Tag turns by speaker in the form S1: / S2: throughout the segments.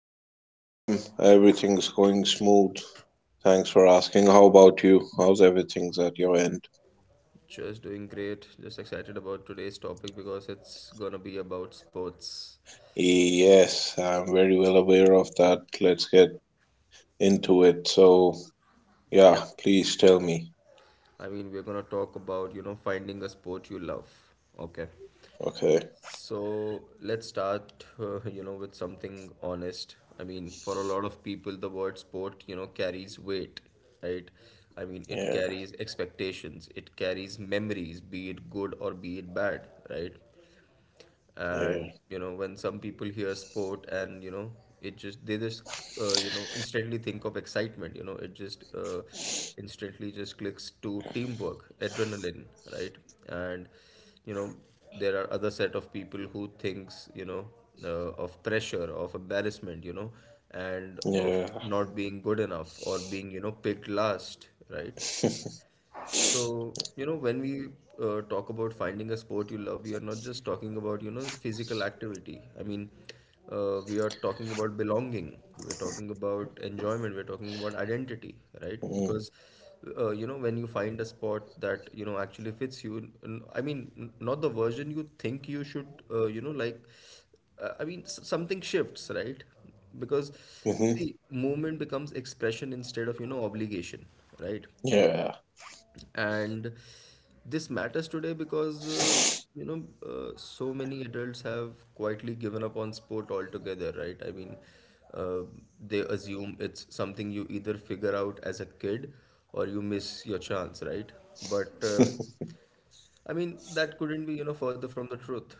S1: hey, hey, Sam. Everything's going smooth. Thanks for asking. How about you? How's everything's at your end?
S2: Just doing great. Just excited about today's topic because it's gonna be about sports.
S1: Yes, I'm very well aware of that. Let's get into it. So, yeah,
S2: Yeah,
S1: please tell me.
S2: I mean, we're gonna talk about, finding a sport you love. Okay.
S1: Okay.
S2: So let's start, with something honest. I mean, for a lot of people, the word sport, carries weight, right? I mean, it
S1: Yeah,
S2: carries expectations, it carries memories, be it good or be it bad, right?
S1: yeah,
S2: And when some people hear sport and you know it just they just you know instantly think of excitement. It just instantly just clicks to teamwork, adrenaline, right? And you know there are other set of people who thinks of pressure, of embarrassment, and of
S1: yeah.
S2: not being good enough or being picked last, right? So, when we talk about finding a sport you love, we are not just talking about, physical activity. I mean, we are talking about belonging, we are talking about enjoyment, we are talking about identity, right?
S1: Mm-hmm.
S2: Because, when you find a sport that, actually fits you, I mean, not the version you think you should, I mean, something shifts, right? Because,
S1: Mm-hmm.
S2: see, movement becomes expression instead of, obligation, right?
S1: Yeah.
S2: And this matters today because you know so many adults have quietly given up on sport altogether, right? I mean, uh, they assume it's something you either figure out as a kid or you miss your chance, right? But I mean, that couldn't be further from the truth.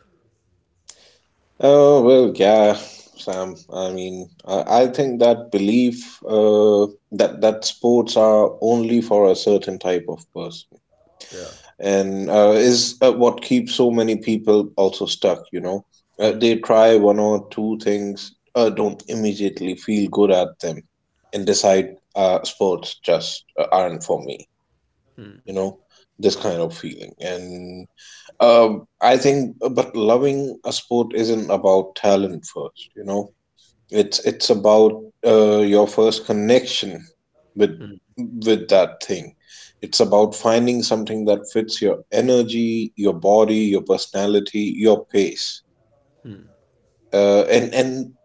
S1: Oh, well, yeah, Sam. I mean, I think that belief that sports are only for a certain type of person,
S2: Yeah,
S1: and is what keeps so many people also stuck. They try one or two things, don't immediately feel good at them, and decide sports just aren't for me you know this kind of feeling. And uh, I think, but loving a sport isn't about talent first. It's about your first connection with that thing. It's about finding something that fits your energy, your body, your personality, your pace, and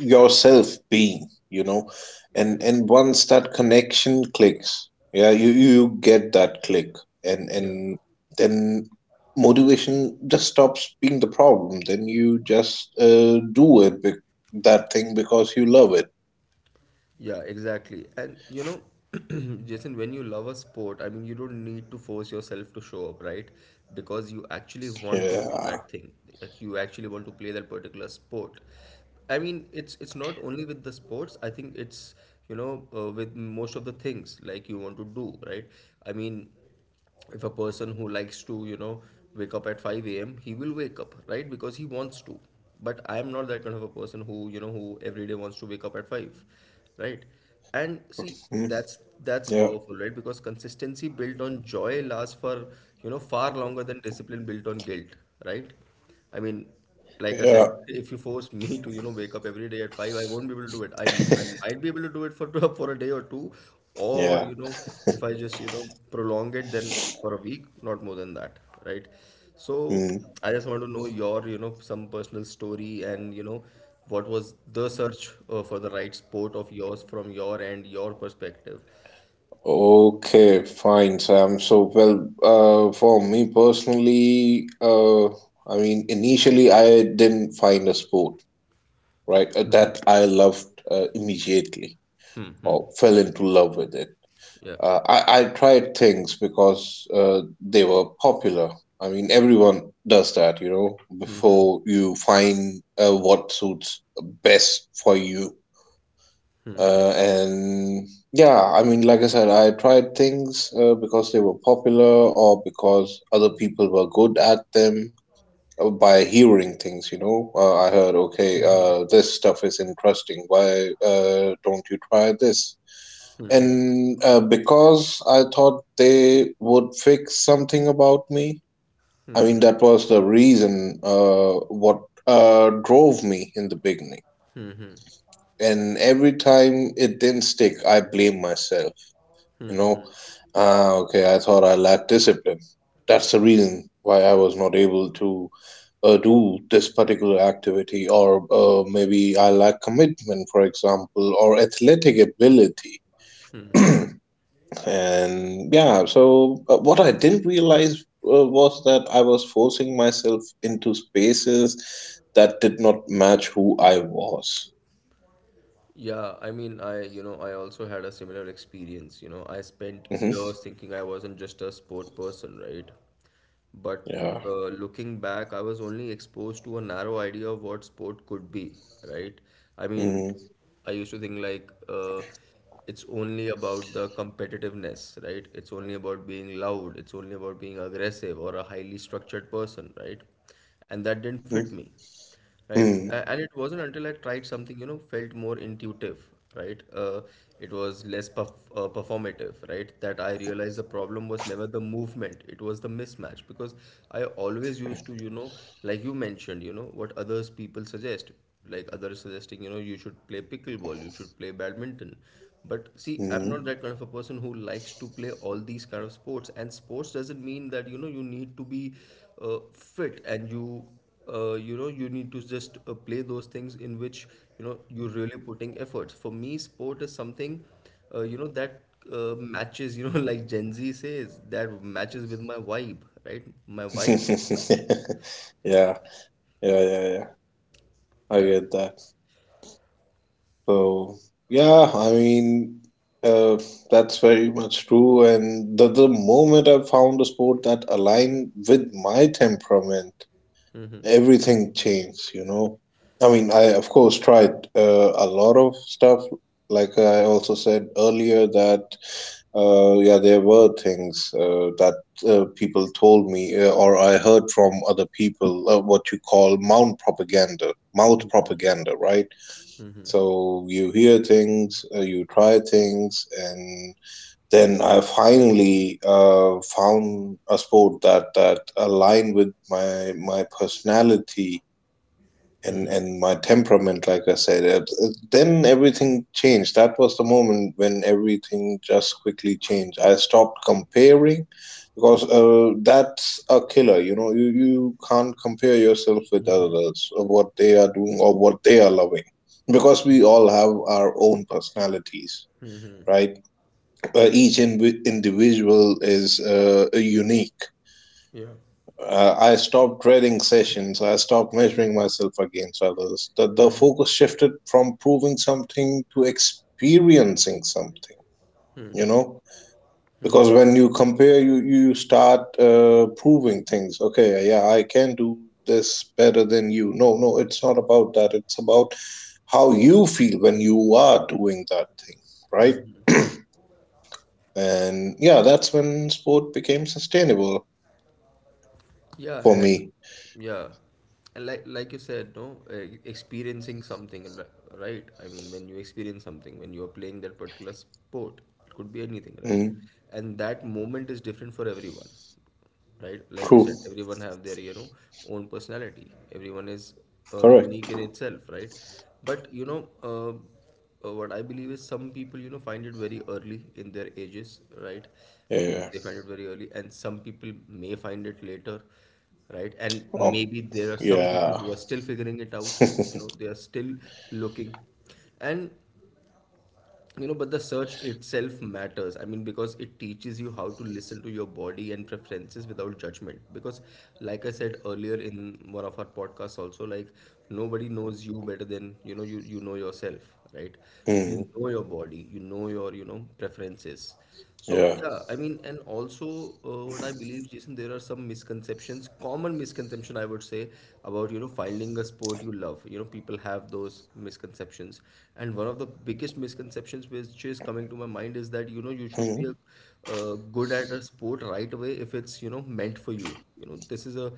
S1: yourself being. You know, and
S2: yeah,
S1: and once that connection clicks, yeah, you get that click, and
S2: yeah.
S1: and then motivation just stops being the problem. Then you just do it. That thing because you love it.
S2: Yeah, exactly. And Jason, when you love a sport, I mean, you don't need to force yourself to show up, right? Because you actually want to do
S1: Yeah.
S2: that thing. Like, you actually want to play that particular sport. I mean, it's not only with the sports. I think it's, with most of the things like you want to do, right? I mean, if a person who likes to wake up at 5 a.m, he will wake up, right? Because he wants to. But I am not that kind of a person who every day wants to wake up at 5, right? And see,
S1: Mm.
S2: that's that's
S1: Yeah.
S2: powerful, right? Because consistency built on joy lasts for far longer than discipline built on guilt, right? I mean, like I
S1: Yeah.
S2: said, if you force me to, wake up every day at 5, I won't be able to do it. I might be able to do it for for a day or two, or
S1: Yeah.
S2: if I just, prolong it then for a week, not more than that, right? So
S1: Mm.
S2: I just want to know your, some personal story, and what was the search for the right sport of yours from your end, your perspective.
S1: Okay, fine, Sam. So, well, for me personally, I mean, initially I didn't find a sport, right, that I loved immediately or fell into love with it.
S2: Yeah.
S1: I tried things because they were popular. I mean, everyone does that, you know, before you find what suits best for you. And yeah, I mean, like I said, I tried things because they were popular or because other people were good at them, by hearing things, you know. I heard, okay, this stuff is interesting. Why don't you try this? And because I thought they would fix something about me, I mean, that was the reason, what drove me in the beginning. And every time it didn't stick, I blame myself you know ah, okay, I thought I lacked discipline. That's the reason why I was not able to do this particular activity, or maybe I lack commitment, for example, or athletic ability. And yeah, so what I didn't realize was that I was forcing myself into spaces that did not match who I was.
S2: Yeah, I mean, I also had a similar experience. I spent
S1: Hmm.
S2: years thinking I wasn't just a sport person, right? But
S1: Yeah.
S2: looking back, I was only exposed to a narrow idea of what sport could be, right? I mean,
S1: Hmm.
S2: I used to think like it's only about the competitiveness, right? It's only about being loud, it's only about being aggressive or a highly structured person, right? And that didn't fit me. Right. A-
S1: Hmm.
S2: And it wasn't until I tried something, felt more intuitive, right? It was less performative, right? That I realized the problem was never the movement, it was the mismatch. Because I always used to, like you mentioned, what others people suggest, like others suggesting you should play pickleball, you should play badminton. But see, I'm not
S1: Hmm.
S2: that kind of a person who likes to play all these kind of sports, and sports doesn't mean that you need to be fit, and you need to just play those things in which you're really putting efforts. For me, sport is something you know that matches, like gen z says, that matches with my vibe, right? My vibe should match.
S1: Yeah. Yeah, yeah, yeah. I
S2: Yeah.
S1: get that. So, yeah, I mean, uh, that's very much true. And the moment I found a sport that aligned with my temperament, everything changed, you know. I mean, I of course tried a lot of stuff. Like I also said earlier, that yeah, there were things that people told me, or I heard from other people, what you call mouth propaganda, right? So you hear things, you try things, and then I finally found a sport that aligned with my personality and my temperament. Like I said, then everything changed. That was the moment when everything just quickly changed. I stopped comparing because that's a killer, you know. You can't compare yourself with others, or what they are doing, or what they are loving, because we all have our own personalities, right? Uh, each in individual is unique.
S2: Yeah.
S1: I stopped trading sessions. I stopped measuring myself against others. The focus shifted from proving something to experiencing something, you know? Because when you compare, you start proving things. Okay, yeah, I can do this better than you. No, no, it's not about that. It's about how you feel when you are doing that thing, right? And yeah, that's when sport became sustainable
S2: Yeah,
S1: for
S2: and
S1: me.
S2: yeah, and like you said, no, experiencing something, right? I mean, when you experience something, when you are playing that particular sport, it could be anything, right?
S1: Mm,
S2: And that moment is different for everyone, right? Like you
S1: true,
S2: said, everyone have their, own personality. Everyone is unique
S1: correct.
S2: in itself, right? But, what I believe is some people, find it very early in their ages, right? I mean,
S1: Yeah.
S2: they find it very early, and some people may find it later, right? And
S1: Oh,
S2: maybe there are some people
S1: yeah.
S2: who are still figuring it out, they are still looking. And but the search itself matters, I mean, because it teaches you how to listen to your body and preferences without judgment. Because like I said earlier in one of our podcasts also, like, nobody knows you better than you know yourself, right? So you
S1: Hmm,
S2: know your body, you know your preferences. So
S1: yeah.
S2: yeah, I mean, and also what I believe, Jason, there are some misconceptions, common misconception I would say, about finding a sport you love. People have those misconceptions, and one of the biggest misconceptions which is coming to my mind is that you should be
S1: Mhm.
S2: good at a sport right away if it's meant for you. This is a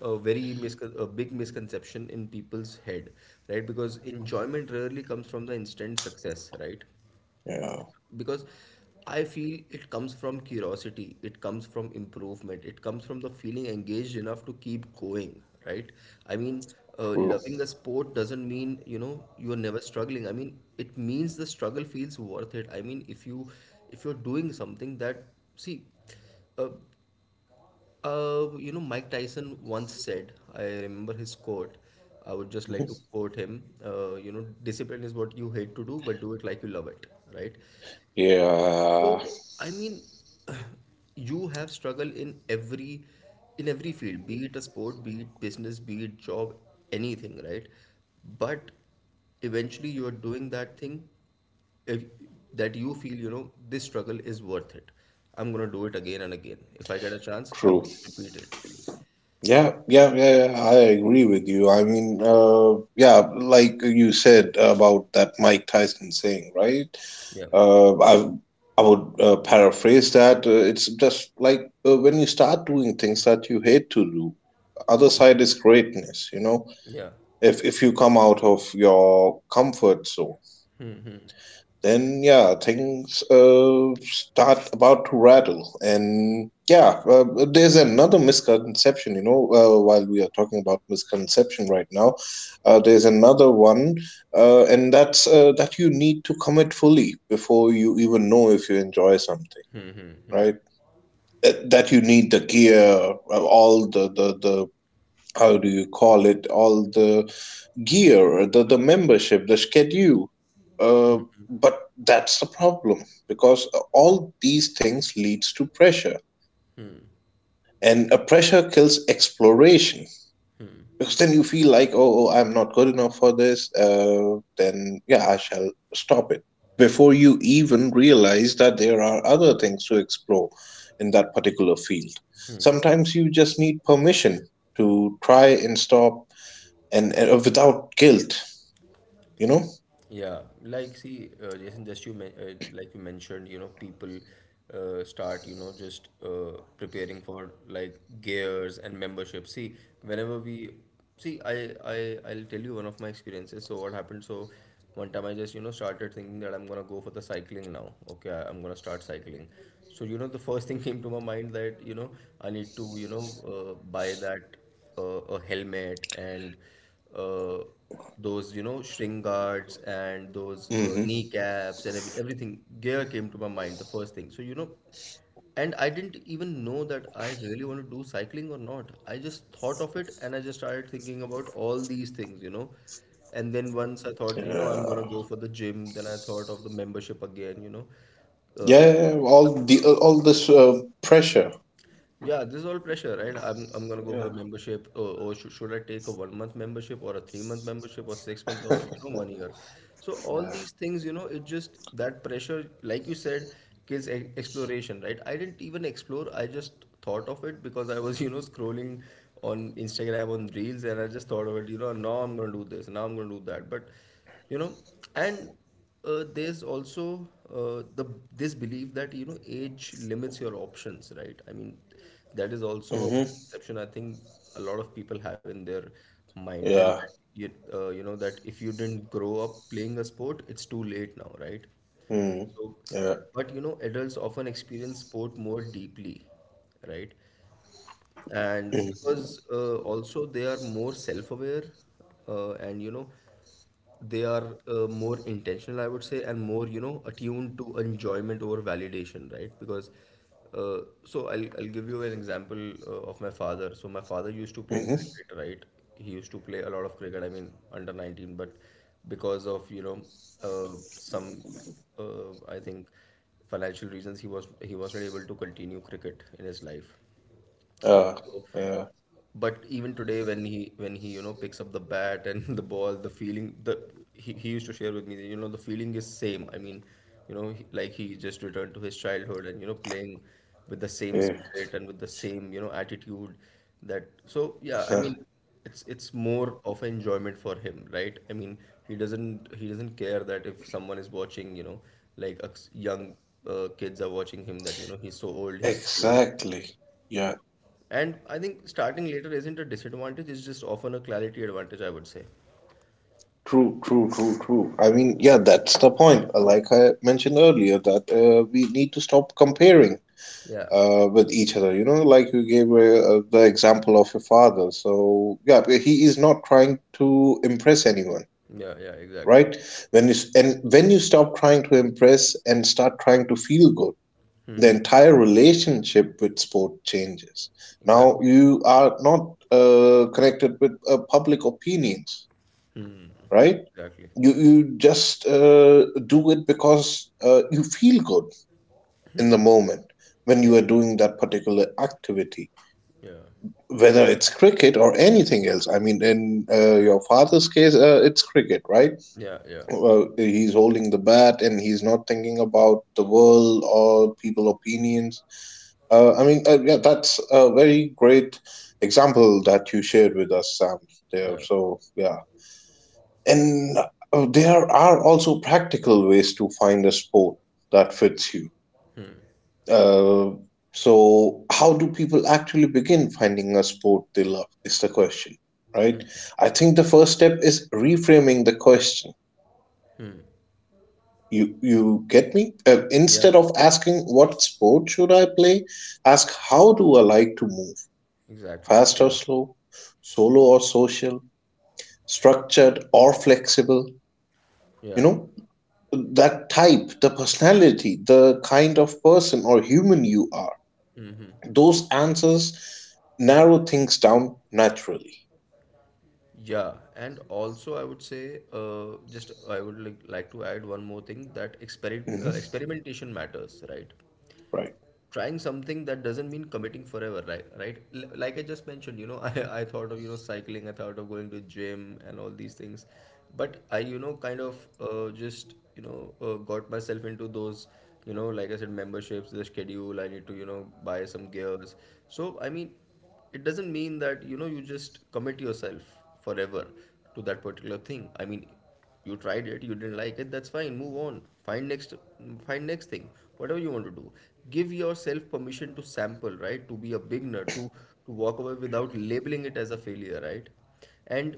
S2: a very miscon- a big misconception in people's head, right? Because enjoyment rarely comes from the instant success, right?
S1: Yeah.
S2: Because I feel it comes from curiosity, it comes from improvement, it comes from the feeling engaged enough to keep going, right? I mean,
S1: True.
S2: loving a sport doesn't mean you're never struggling. I mean, it means the struggle feels worth it. I mean, if you're doing something that, see, uh, Mike Tyson once said, I remember his quote. I would just like to
S1: Mhm.
S2: quote him. Discipline is what you hate to do, but do it like you love it, right? So,
S1: Yeah.
S2: I mean, you have struggled in every field, be it a sport, be it business, be it job, anything, right? But eventually you are doing that thing if, that you feel, this struggle is worth it. I'm gonna do it again and again. If I get a chance, I
S1: True.
S2: would just repeat it.
S1: Yeah, yeah, yeah, yeah, I agree with you. I mean, yeah, like you said about that Mike Tyson saying, right?
S2: Yeah.
S1: Uh, I I would paraphrase that. It's just like when you start doing things that you hate to do, other side is greatness, you know?
S2: Yeah.
S1: If you come out of your comfort zone, then yeah, things start about to rattle. And yeah, there's another misconception, you know, while we are talking about misconception right now, there's another one, and that's that you need to commit fully before you even know if you enjoy something, right? That you need the gear, all the, how do you call it, all the gear, the membership, the schedule. Uh, but that's the problem, because all these things leads to pressure, and a pressure kills exploration, because then you feel like, oh, I'm not good enough for this, then yeah, I shall stop it before you even realize that there are other things to explore in that particular field. Sometimes you just need permission to try and stop, and without guilt, you know.
S2: Yeah, like, see, Jason, just you men like you mentioned, people start, just preparing for like gears and membership. See, whenever we I'll tell you one of my experiences. So what happened? So one time I just started thinking that I'm gonna go for the cycling now. Okay, I'm gonna start cycling. So the first thing came to my mind that I need to buy that uh, a helmet, and uh, those string guards, and those
S1: Hmm.
S2: kneecaps, and everything gear came to my mind the first thing, so and I didn't even know that I really want to do cycling or not. I just thought of it, and I just started thinking about all these things, and then once I thought, I'm gonna
S1: Yeah.
S2: go for the gym. Then I thought of the membership again. Uh,
S1: Yeah, yeah, all the all this pressure.
S2: Yeah, this is all pressure, right? I'm gonna go for
S1: Yeah.
S2: the membership, or, should I take a one month membership, or a 3-month membership, or 6-month, or one year? So all
S1: Yeah.
S2: these things, it just that pressure, like you said, kills e exploration, right? I didn't even explore. I just thought of it because I was, scrolling on Instagram on Reels, and I just thought of it. Now I'm gonna do this, now I'm gonna do that, but you know, and there's also the this belief that age limits your options, right? I mean, that is also a
S1: Hmm.
S2: misconception I think a lot of people have in their mind, and
S1: Yeah.
S2: that you you know that if you didn't grow up playing a sport, it's too late now, right?
S1: Mm.
S2: So,
S1: Yeah.
S2: but adults often experience sport more deeply, right? And
S1: Mm.
S2: because also they are more self-aware, and you know they are more intentional, I would say, and more, you know, attuned to enjoyment over validation, right? Because so I'll give you an example of my father. So my father used to play
S1: Mm-hmm.
S2: cricket, right? He used to play a lot of cricket, I mean under 19, but because of, you know, some I think financial reasons, he was not able to continue cricket in his life.
S1: Uh,
S2: So
S1: yeah.
S2: but even today, when he you know picks up the bat and the ball, the feeling, the he used to share with me that, you know, the feeling is same. I mean, you know, he just returned to his childhood and, you know, playing with the same
S1: Yeah.
S2: spirit and with the same, you know, attitude. That, so yeah, I
S1: Uh-huh.
S2: mean it's more of an enjoyment for him, right? I mean he doesn't care that if someone is watching, you know, like a young kids are watching him, that you know he's so old, he's playing.
S1: Exactly. Yeah.
S2: And I think starting later isn't a disadvantage, it's just often a clarity advantage, I would say.
S1: True, true, true, true. I mean, yeah, that's the point. Like I mentioned earlier, that we need to stop comparing
S2: Yeah.
S1: with each other. You know, like you gave the example of your father. So, yeah, he is not trying to impress anyone,
S2: Yeah, yeah, exactly.
S1: right? When you and when you stop trying to impress and start trying to feel good, the entire relationship with sport changes. Now
S2: Exactly.
S1: you are not connected with public opinions, right?
S2: Exactly.
S1: You just do it because you feel good in the moment when
S2: Yeah.
S1: you are doing that particular activity,
S2: Yeah.
S1: whether it's cricket or anything else. I mean, in your father's case, it's cricket, right?
S2: Yeah, yeah.
S1: He's holding the bat, and he's not thinking about the world or people opinions. Yeah, that's a very great example that you shared with us, Sam,
S2: Yeah.
S1: there. So yeah. And there are also practical ways to find a sport that fits you.
S2: Hmm.
S1: uh, so, how do people actually begin finding a sport they love, is the question, right? I think the first step is reframing the question.
S2: Hmm.
S1: You get me?
S2: Yeah.
S1: Instead of asking, what sport should I play, ask, how do I like to move?
S2: Exactly.
S1: Fast or
S2: Yeah.
S1: slow? Solo or social? Structured or flexible? You
S2: Yeah.
S1: know, that type, the personality, the kind of person or human you are.
S2: Mm-hmm.
S1: Those answers narrow things down naturally.
S2: Yeah, and also I would say, just I would like to add one more thing, that
S1: Hmm.
S2: experimentation matters, right?
S1: Right.
S2: Trying something that doesn't mean committing forever, right? Right? Like I just mentioned, you know, I thought of, you know, cycling, I thought of going to gym and all these things. But I, you know, kind of just, you know, got myself into those, you know, like I said, memberships, the schedule, I need to, you know, buy some gears. So, I mean, it doesn't mean that you know you just commit yourself forever to that particular thing. I mean, you tried it, you didn't like it, that's fine, move on. Find next, find next thing, whatever you want to do. Give yourself permission to sample, right? To be a beginner, to walk away without labeling it as a failure, right? And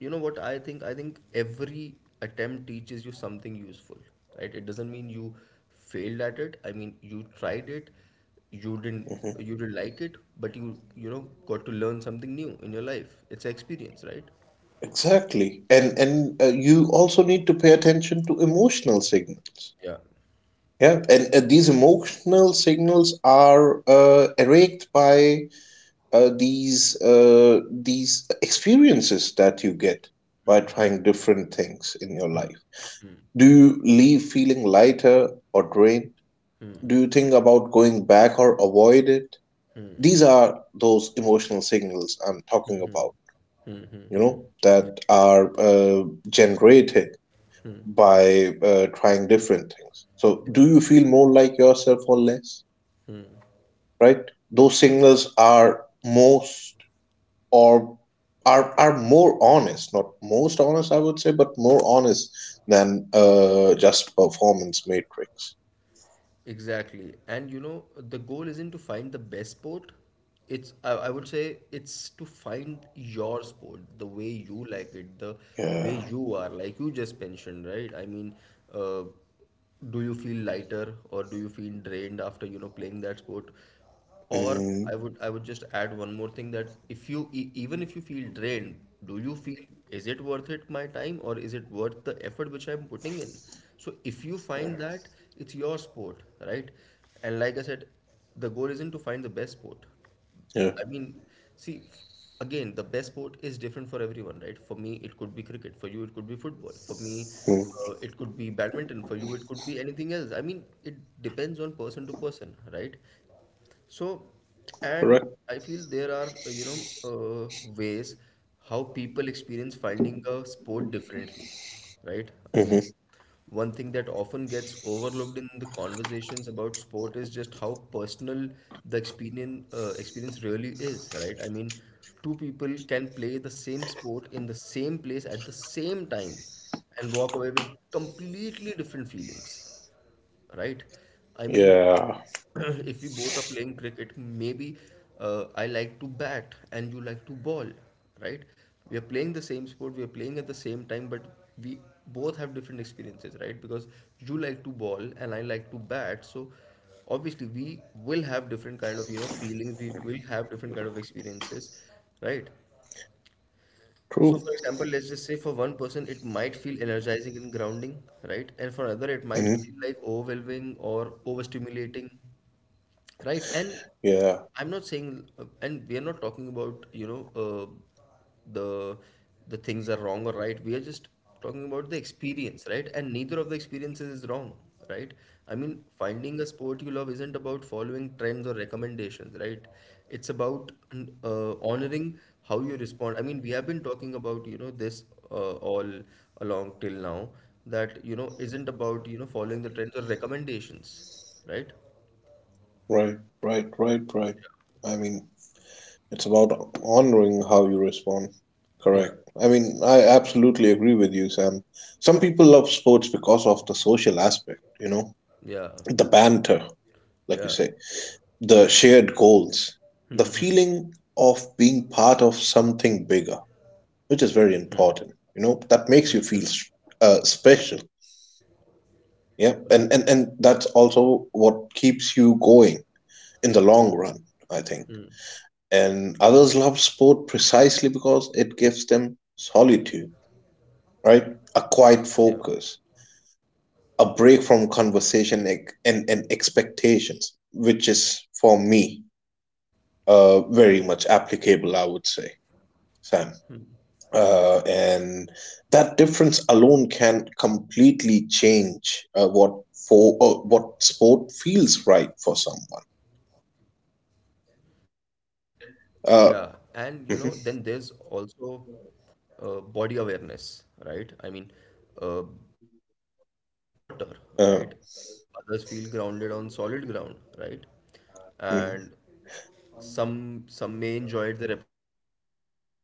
S2: you know what, I think every attempt teaches you something useful, right? It doesn't mean you failed at it. I mean, you tried it, you didn't,
S1: Hmm.
S2: you didn't like it, but you know, got to learn something new in your life, it's an experience, right?
S1: Exactly. And you also need to pay attention to emotional signals.
S2: Yeah,
S1: Yeah, and these emotional signals are erased by uh, these uh, these experiences that you get by trying different things in your life. Do you leave feeling lighter or drained? Do you think about going back or avoid it? These are those emotional signals I'm talking about. You know, that are uh, generated by trying different things. So, do you feel more like yourself or less, right? Those signals are most, or are more honest — not most honest, I would say, but more honest — than just performance matrix.
S2: exactly. And you know, the goal isn't to find the best sport, it's, I would say, it's to find your sport the way you like it, the
S1: Yeah.
S2: way you are, like you just mentioned, right? I mean, uh, do you feel lighter or do you feel drained after, you know, playing that sport? Or
S1: Mm,
S2: I would just add one more thing, that if you e even if you feel drained, do you feel, is it worth it my time, or is it worth the effort which I'm putting in? So if you find that, it's your sport, right? And like I said, the goal isn't to find the best sport.
S1: yeah.
S2: I mean, see, again, the best sport is different for everyone, right? For me, it could be cricket. For you, it could be football. For me,
S1: Mm,
S2: it could be badminton. For you, it could be anything else. I mean, it depends on person to person, right? So, and
S1: correct.
S2: I feel there are, you know, ways how people experience finding a sport differently, right? I mean,
S1: Hmm.
S2: one thing that often gets overlooked in the conversations about sport is just how personal the experience really is, right? I mean, two people can play the same sport in the same place at the same time and walk away with completely different feelings, right? I mean,
S1: Yeah.
S2: if we both are playing cricket, maybe I like to bat and you like to ball, right? We are playing the same sport, we are playing at the same time, but we both have different experiences, right? Because you like to ball and I like to bat, so obviously we will have different kind of, you know, feelings, we will have different kind of experiences, right? So,
S1: True.
S2: for example, let's just say for one person, it might feel energizing and grounding, right? And for another, it might feel
S1: Hmm.
S2: like overwhelming or overstimulating, right? And
S1: Yeah.
S2: I'm not saying, and we are not talking about, you know, the the things are wrong or right, we are just talking about the experience, right? And neither of the experiences is wrong, right? I mean, finding a sport you love isn't about following trends or recommendations, right? It's about honoring how you respond. I mean, we have been talking about, you know, this all along till now, that you know isn't about, you know, following the trends or recommendations, right?
S1: Right. Right. Right. Right. I mean, it's about honoring how you respond.
S2: Yeah.
S1: Correct. I mean, I absolutely agree with you, Sam. Some people love sports because of the social aspect, you know,
S2: Yeah.
S1: the banter, like you
S2: Yeah.
S1: say, the shared goals, the
S2: Mm-hmm.
S1: feeling of being part of something bigger, which is
S2: Hmm.
S1: very important. You know, that makes you feel special. Yeah.
S2: Yeah.
S1: And that's also what keeps you going in the long run, I think.
S2: Mm. Mm-hmm.
S1: And others love sport precisely because it gives them solitude, right?
S2: Yeah.
S1: A quiet focus, a break from conversation and expectations, which is, for me, very much applicable, I would say, Sam. And that difference alone can completely change what sport feels right for someone.
S2: Yeah, and you know, then there's
S1: Uh,
S2: also
S1: mhm,
S2: body awareness, right? I mean, uh, some people feel most confident in water,
S1: uh,
S2: right? Others feel grounded on solid ground, right? And
S1: mhm,
S2: some may enjoy it, the repetitive motion, right?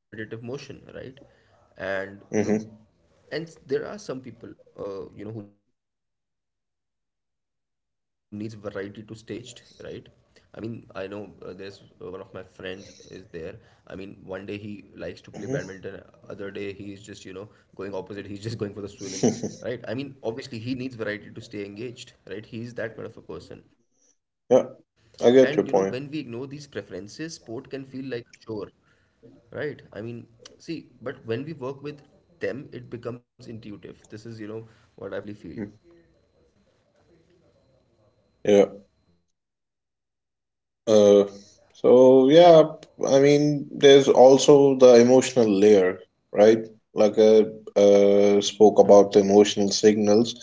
S2: And you know, and there are some
S1: mhm,
S2: people, you know, who needs variety to stay engaged, right? I mean, I know, there's one of my friends is there. I mean, one day he likes to play badminton, other day he is just, you know, going opposite, he's just going for the swimming, right? I mean, obviously he
S1: mhm.
S2: needs variety to stay engaged, right? He's that kind of a person. And you know, when we ignore these
S1: Yeah,
S2: preferences,
S1: I
S2: sport
S1: get your
S2: can feel
S1: point.
S2: like a chore, right? I mean, see, but when we work with them, it becomes intuitive. This is, you know, what I personally feel.
S1: Mm, yeah. Uh, so yeah, I mean, there's also the emotional layer, right? Like I spoke about the emotional signals.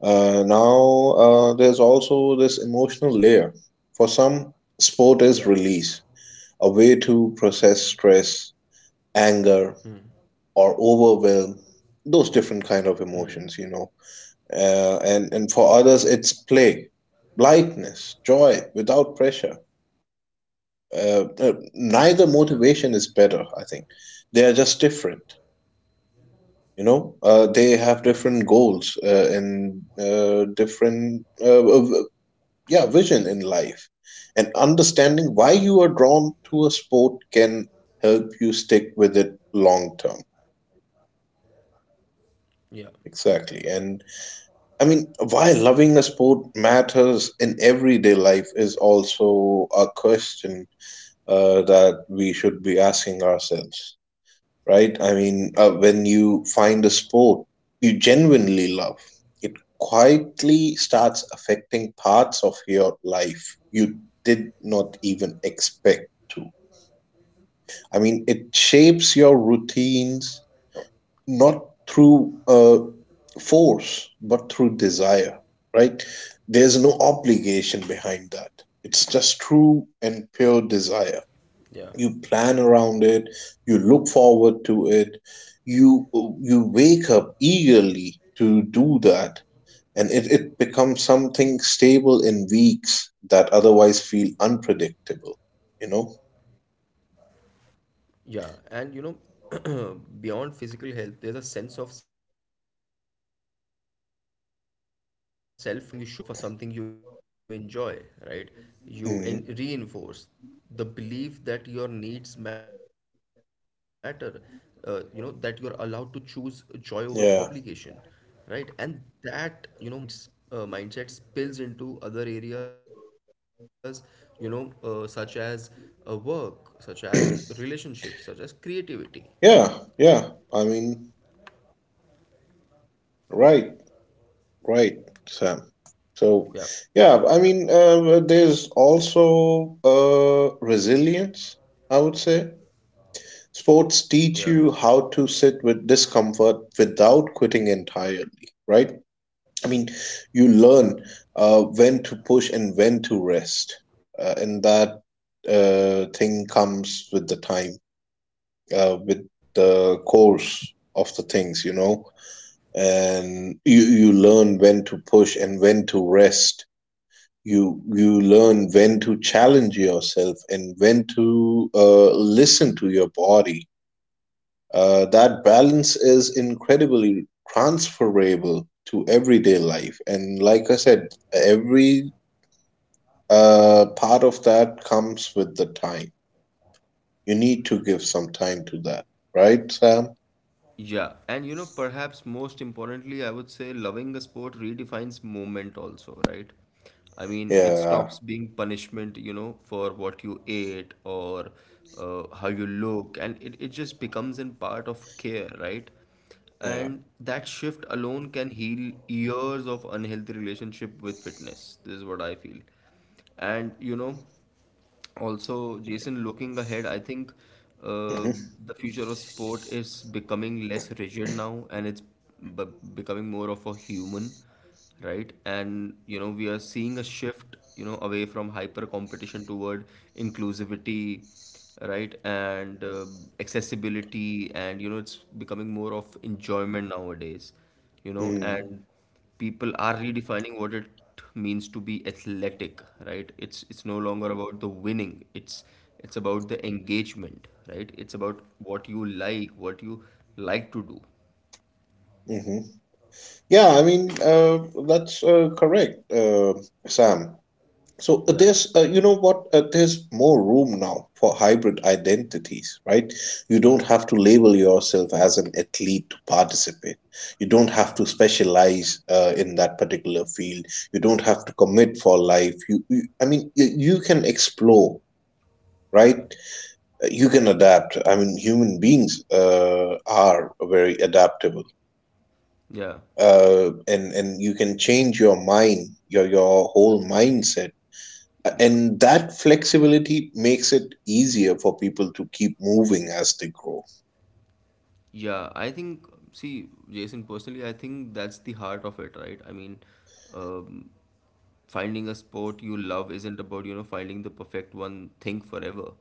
S1: Now there's also this emotional layer. For some,
S2: Yeah.
S1: sport is release, a way to process stress, anger, or overwhelm. Those different kind of
S2: Hmm.
S1: emotions, you know. And
S2: Yeah.
S1: for others, it's play, lightness,
S2: Yeah.
S1: joy without pressure.
S2: Yeah.
S1: Neither motivation is better, I think. They are just different, you
S2: Yeah.
S1: know. Uh, they have different goals, and different yeah, vision in life. And understanding why you are drawn to a sport can help you stick with it long term.
S2: Yeah.
S1: Exactly. And I mean, why loving a sport matters in everyday life is also a question that we should be asking ourselves, right? I mean, when you find a sport you genuinely love, it quietly starts affecting parts of your life you did not even expect to. I mean, it shapes your routines, not through force, but through desire, right? There's no obligation behind that. It's just true and
S2: Yeah.
S1: pure desire. You plan around it, you look forward to it, you you wake up eagerly to do that, and it becomes something stable in weeks that otherwise feel unpredictable, you know.
S2: Yeah, and you know, beyond physical health, there's a sense of self-trust that builds, right? I mean, um, every time you show up for something you enjoy, right? You en
S1: Mm.
S2: reinforce the belief that your needs matter, you know, that you're allowed to choose joy over obligation,
S1: Yeah.
S2: right? And that, you know, mindset spills into other areas, you know, such as work, such as relationships, such as creativity.
S1: Yeah. Yeah, I mean, right, right, Sam.
S2: Yeah,
S1: So
S2: yeah,
S1: yeah. I mean, there's also resilience, I would say.
S2: yeah,
S1: Sports teach you how to sit with discomfort without quitting entirely, right? I mean, you learn when to push and when to rest, and that
S2: yeah.
S1: thing comes with the time, with the course of the things, you know. And you learn when to push and when to rest. You learn when to challenge yourself and when to listen to your body. That balance is incredibly transferable to everyday life. And like I said, every part of that comes with the time. You need to give some time to that, right, Sam?
S2: Yeah, and you know, perhaps most importantly, I would say loving a sport redefines movement also, right? I mean, it
S1: Yeah,
S2: stops being punishment, you know, for what you ate or how you look, and it just becomes in part of care, right?
S1: yeah.
S2: And that shift alone can heal years of unhealthy relationship with fitness. This is what I feel. And you know, also Jason, looking ahead, I think uh,
S1: Mm-hmm.
S2: the future of sport is becoming less rigid now, and it's b- becoming more of a human, right? And you know, we are seeing a shift, you know, away from hyper competition toward inclusivity, right? And accessibility, and you know, it's becoming more of enjoyment nowadays, you know.
S1: Mm-hmm.
S2: And people are redefining what it means to be athletic, right? It's no longer about the winning, it's about the engagement, right? It's about what you like, what you like to do.
S1: Mm-hmm. Yeah, I mean, that's correct, Sam. So
S2: Yeah,
S1: there's, you know what, there's more room now for hybrid identities, right? You don't
S2: yeah,
S1: have to label yourself as an athlete to participate. You don't
S2: yeah,
S1: have to specialize in that particular field. You don't have to commit for life. You I mean, you can explore, right?
S2: yeah,
S1: You can adapt. I mean, human beings are very adaptable.
S2: yeah,
S1: And you can change your mind, your whole mindset,
S2: yeah.
S1: and that flexibility makes it easier for people to keep moving as they grow.
S2: Yeah, I think, see Jason, personally I think that's the heart of it, right? I mean, um, finding a sport you love isn't about, you know, finding the perfect one thing forever,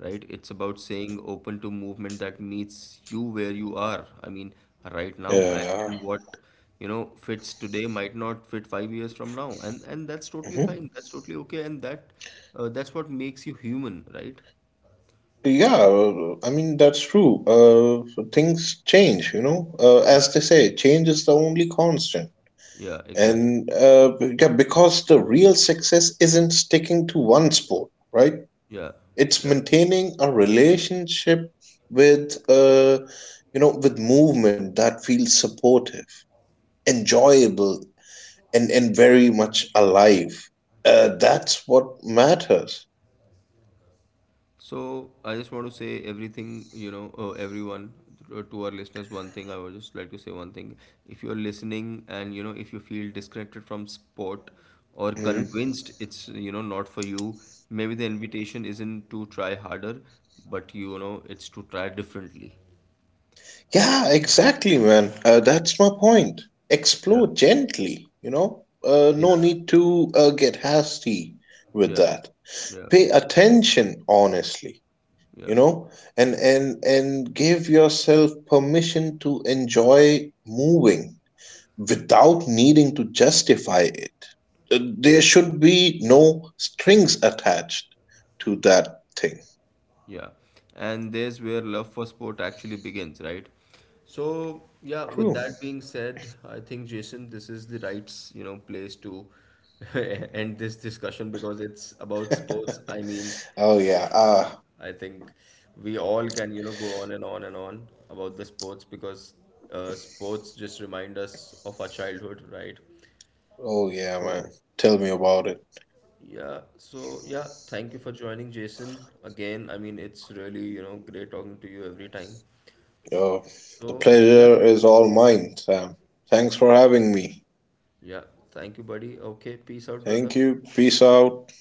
S2: right? It's about saying open to movement that meets you where you are. I mean, right now, and,
S1: Yeah.
S2: and what you know fits today might not fit 5 years from now, and that's totally
S1: Mhm.
S2: fine, that's totally okay. And that that's what makes you human, right?
S1: Yeah, I mean, that's true. Things change, you know.
S2: Yeah,
S1: As they say, change is the only constant.
S2: yeah exactly,
S1: And yeah, because the real success isn't sticking to one sport, right?
S2: yeah,
S1: It's
S2: yeah.
S1: maintaining a relationship with, you know, with movement that feels supportive, enjoyable, and very much alive. That's what matters.
S2: So I just want to say everything, you know, everyone to our listeners. One thing I would just like to say one thing: if you're listening and you know if you feel disconnected from sport or
S1: Mhm.
S2: convinced it's, you know, not for you, maybe the invitation isn't to try harder, but you know it's to try differently.
S1: Yeah, exactly, man. That's my point.
S2: Yeah,
S1: Explore gently, you know.
S2: yeah,
S1: No need to get hasty with
S2: yeah,
S1: that.
S2: yeah,
S1: Pay attention honestly, you
S2: yeah.
S1: know, and give yourself permission to enjoy moving without needing to justify it. Uh, There
S2: Yes.
S1: should be no strings attached to that thing.
S2: Yeah, and there's where love for sport actually begins, right? So, yeah, with
S1: Crew.
S2: that being said, I think Jason, this is the right, you know, place to end this discussion, because it's about sports. I mean,
S1: Oh yeah.
S2: it's,
S1: Ah.
S2: I think we all can, you know, go on and on and on about the sports, because sports just remind us of our childhood, right?
S1: Oh yeah, man.
S2: So,
S1: Tell me about it.
S2: yeah, so yeah, thank you for joining, Jason. Again, I mean, it's really, you know, great talking to you every time.
S1: Oh, the
S2: So, yeah,
S1: pleasure is all mine, Sam. Thanks for having me.
S2: yeah, thank you, buddy. Okay, peace out, brother.
S1: Thank you. Peace out.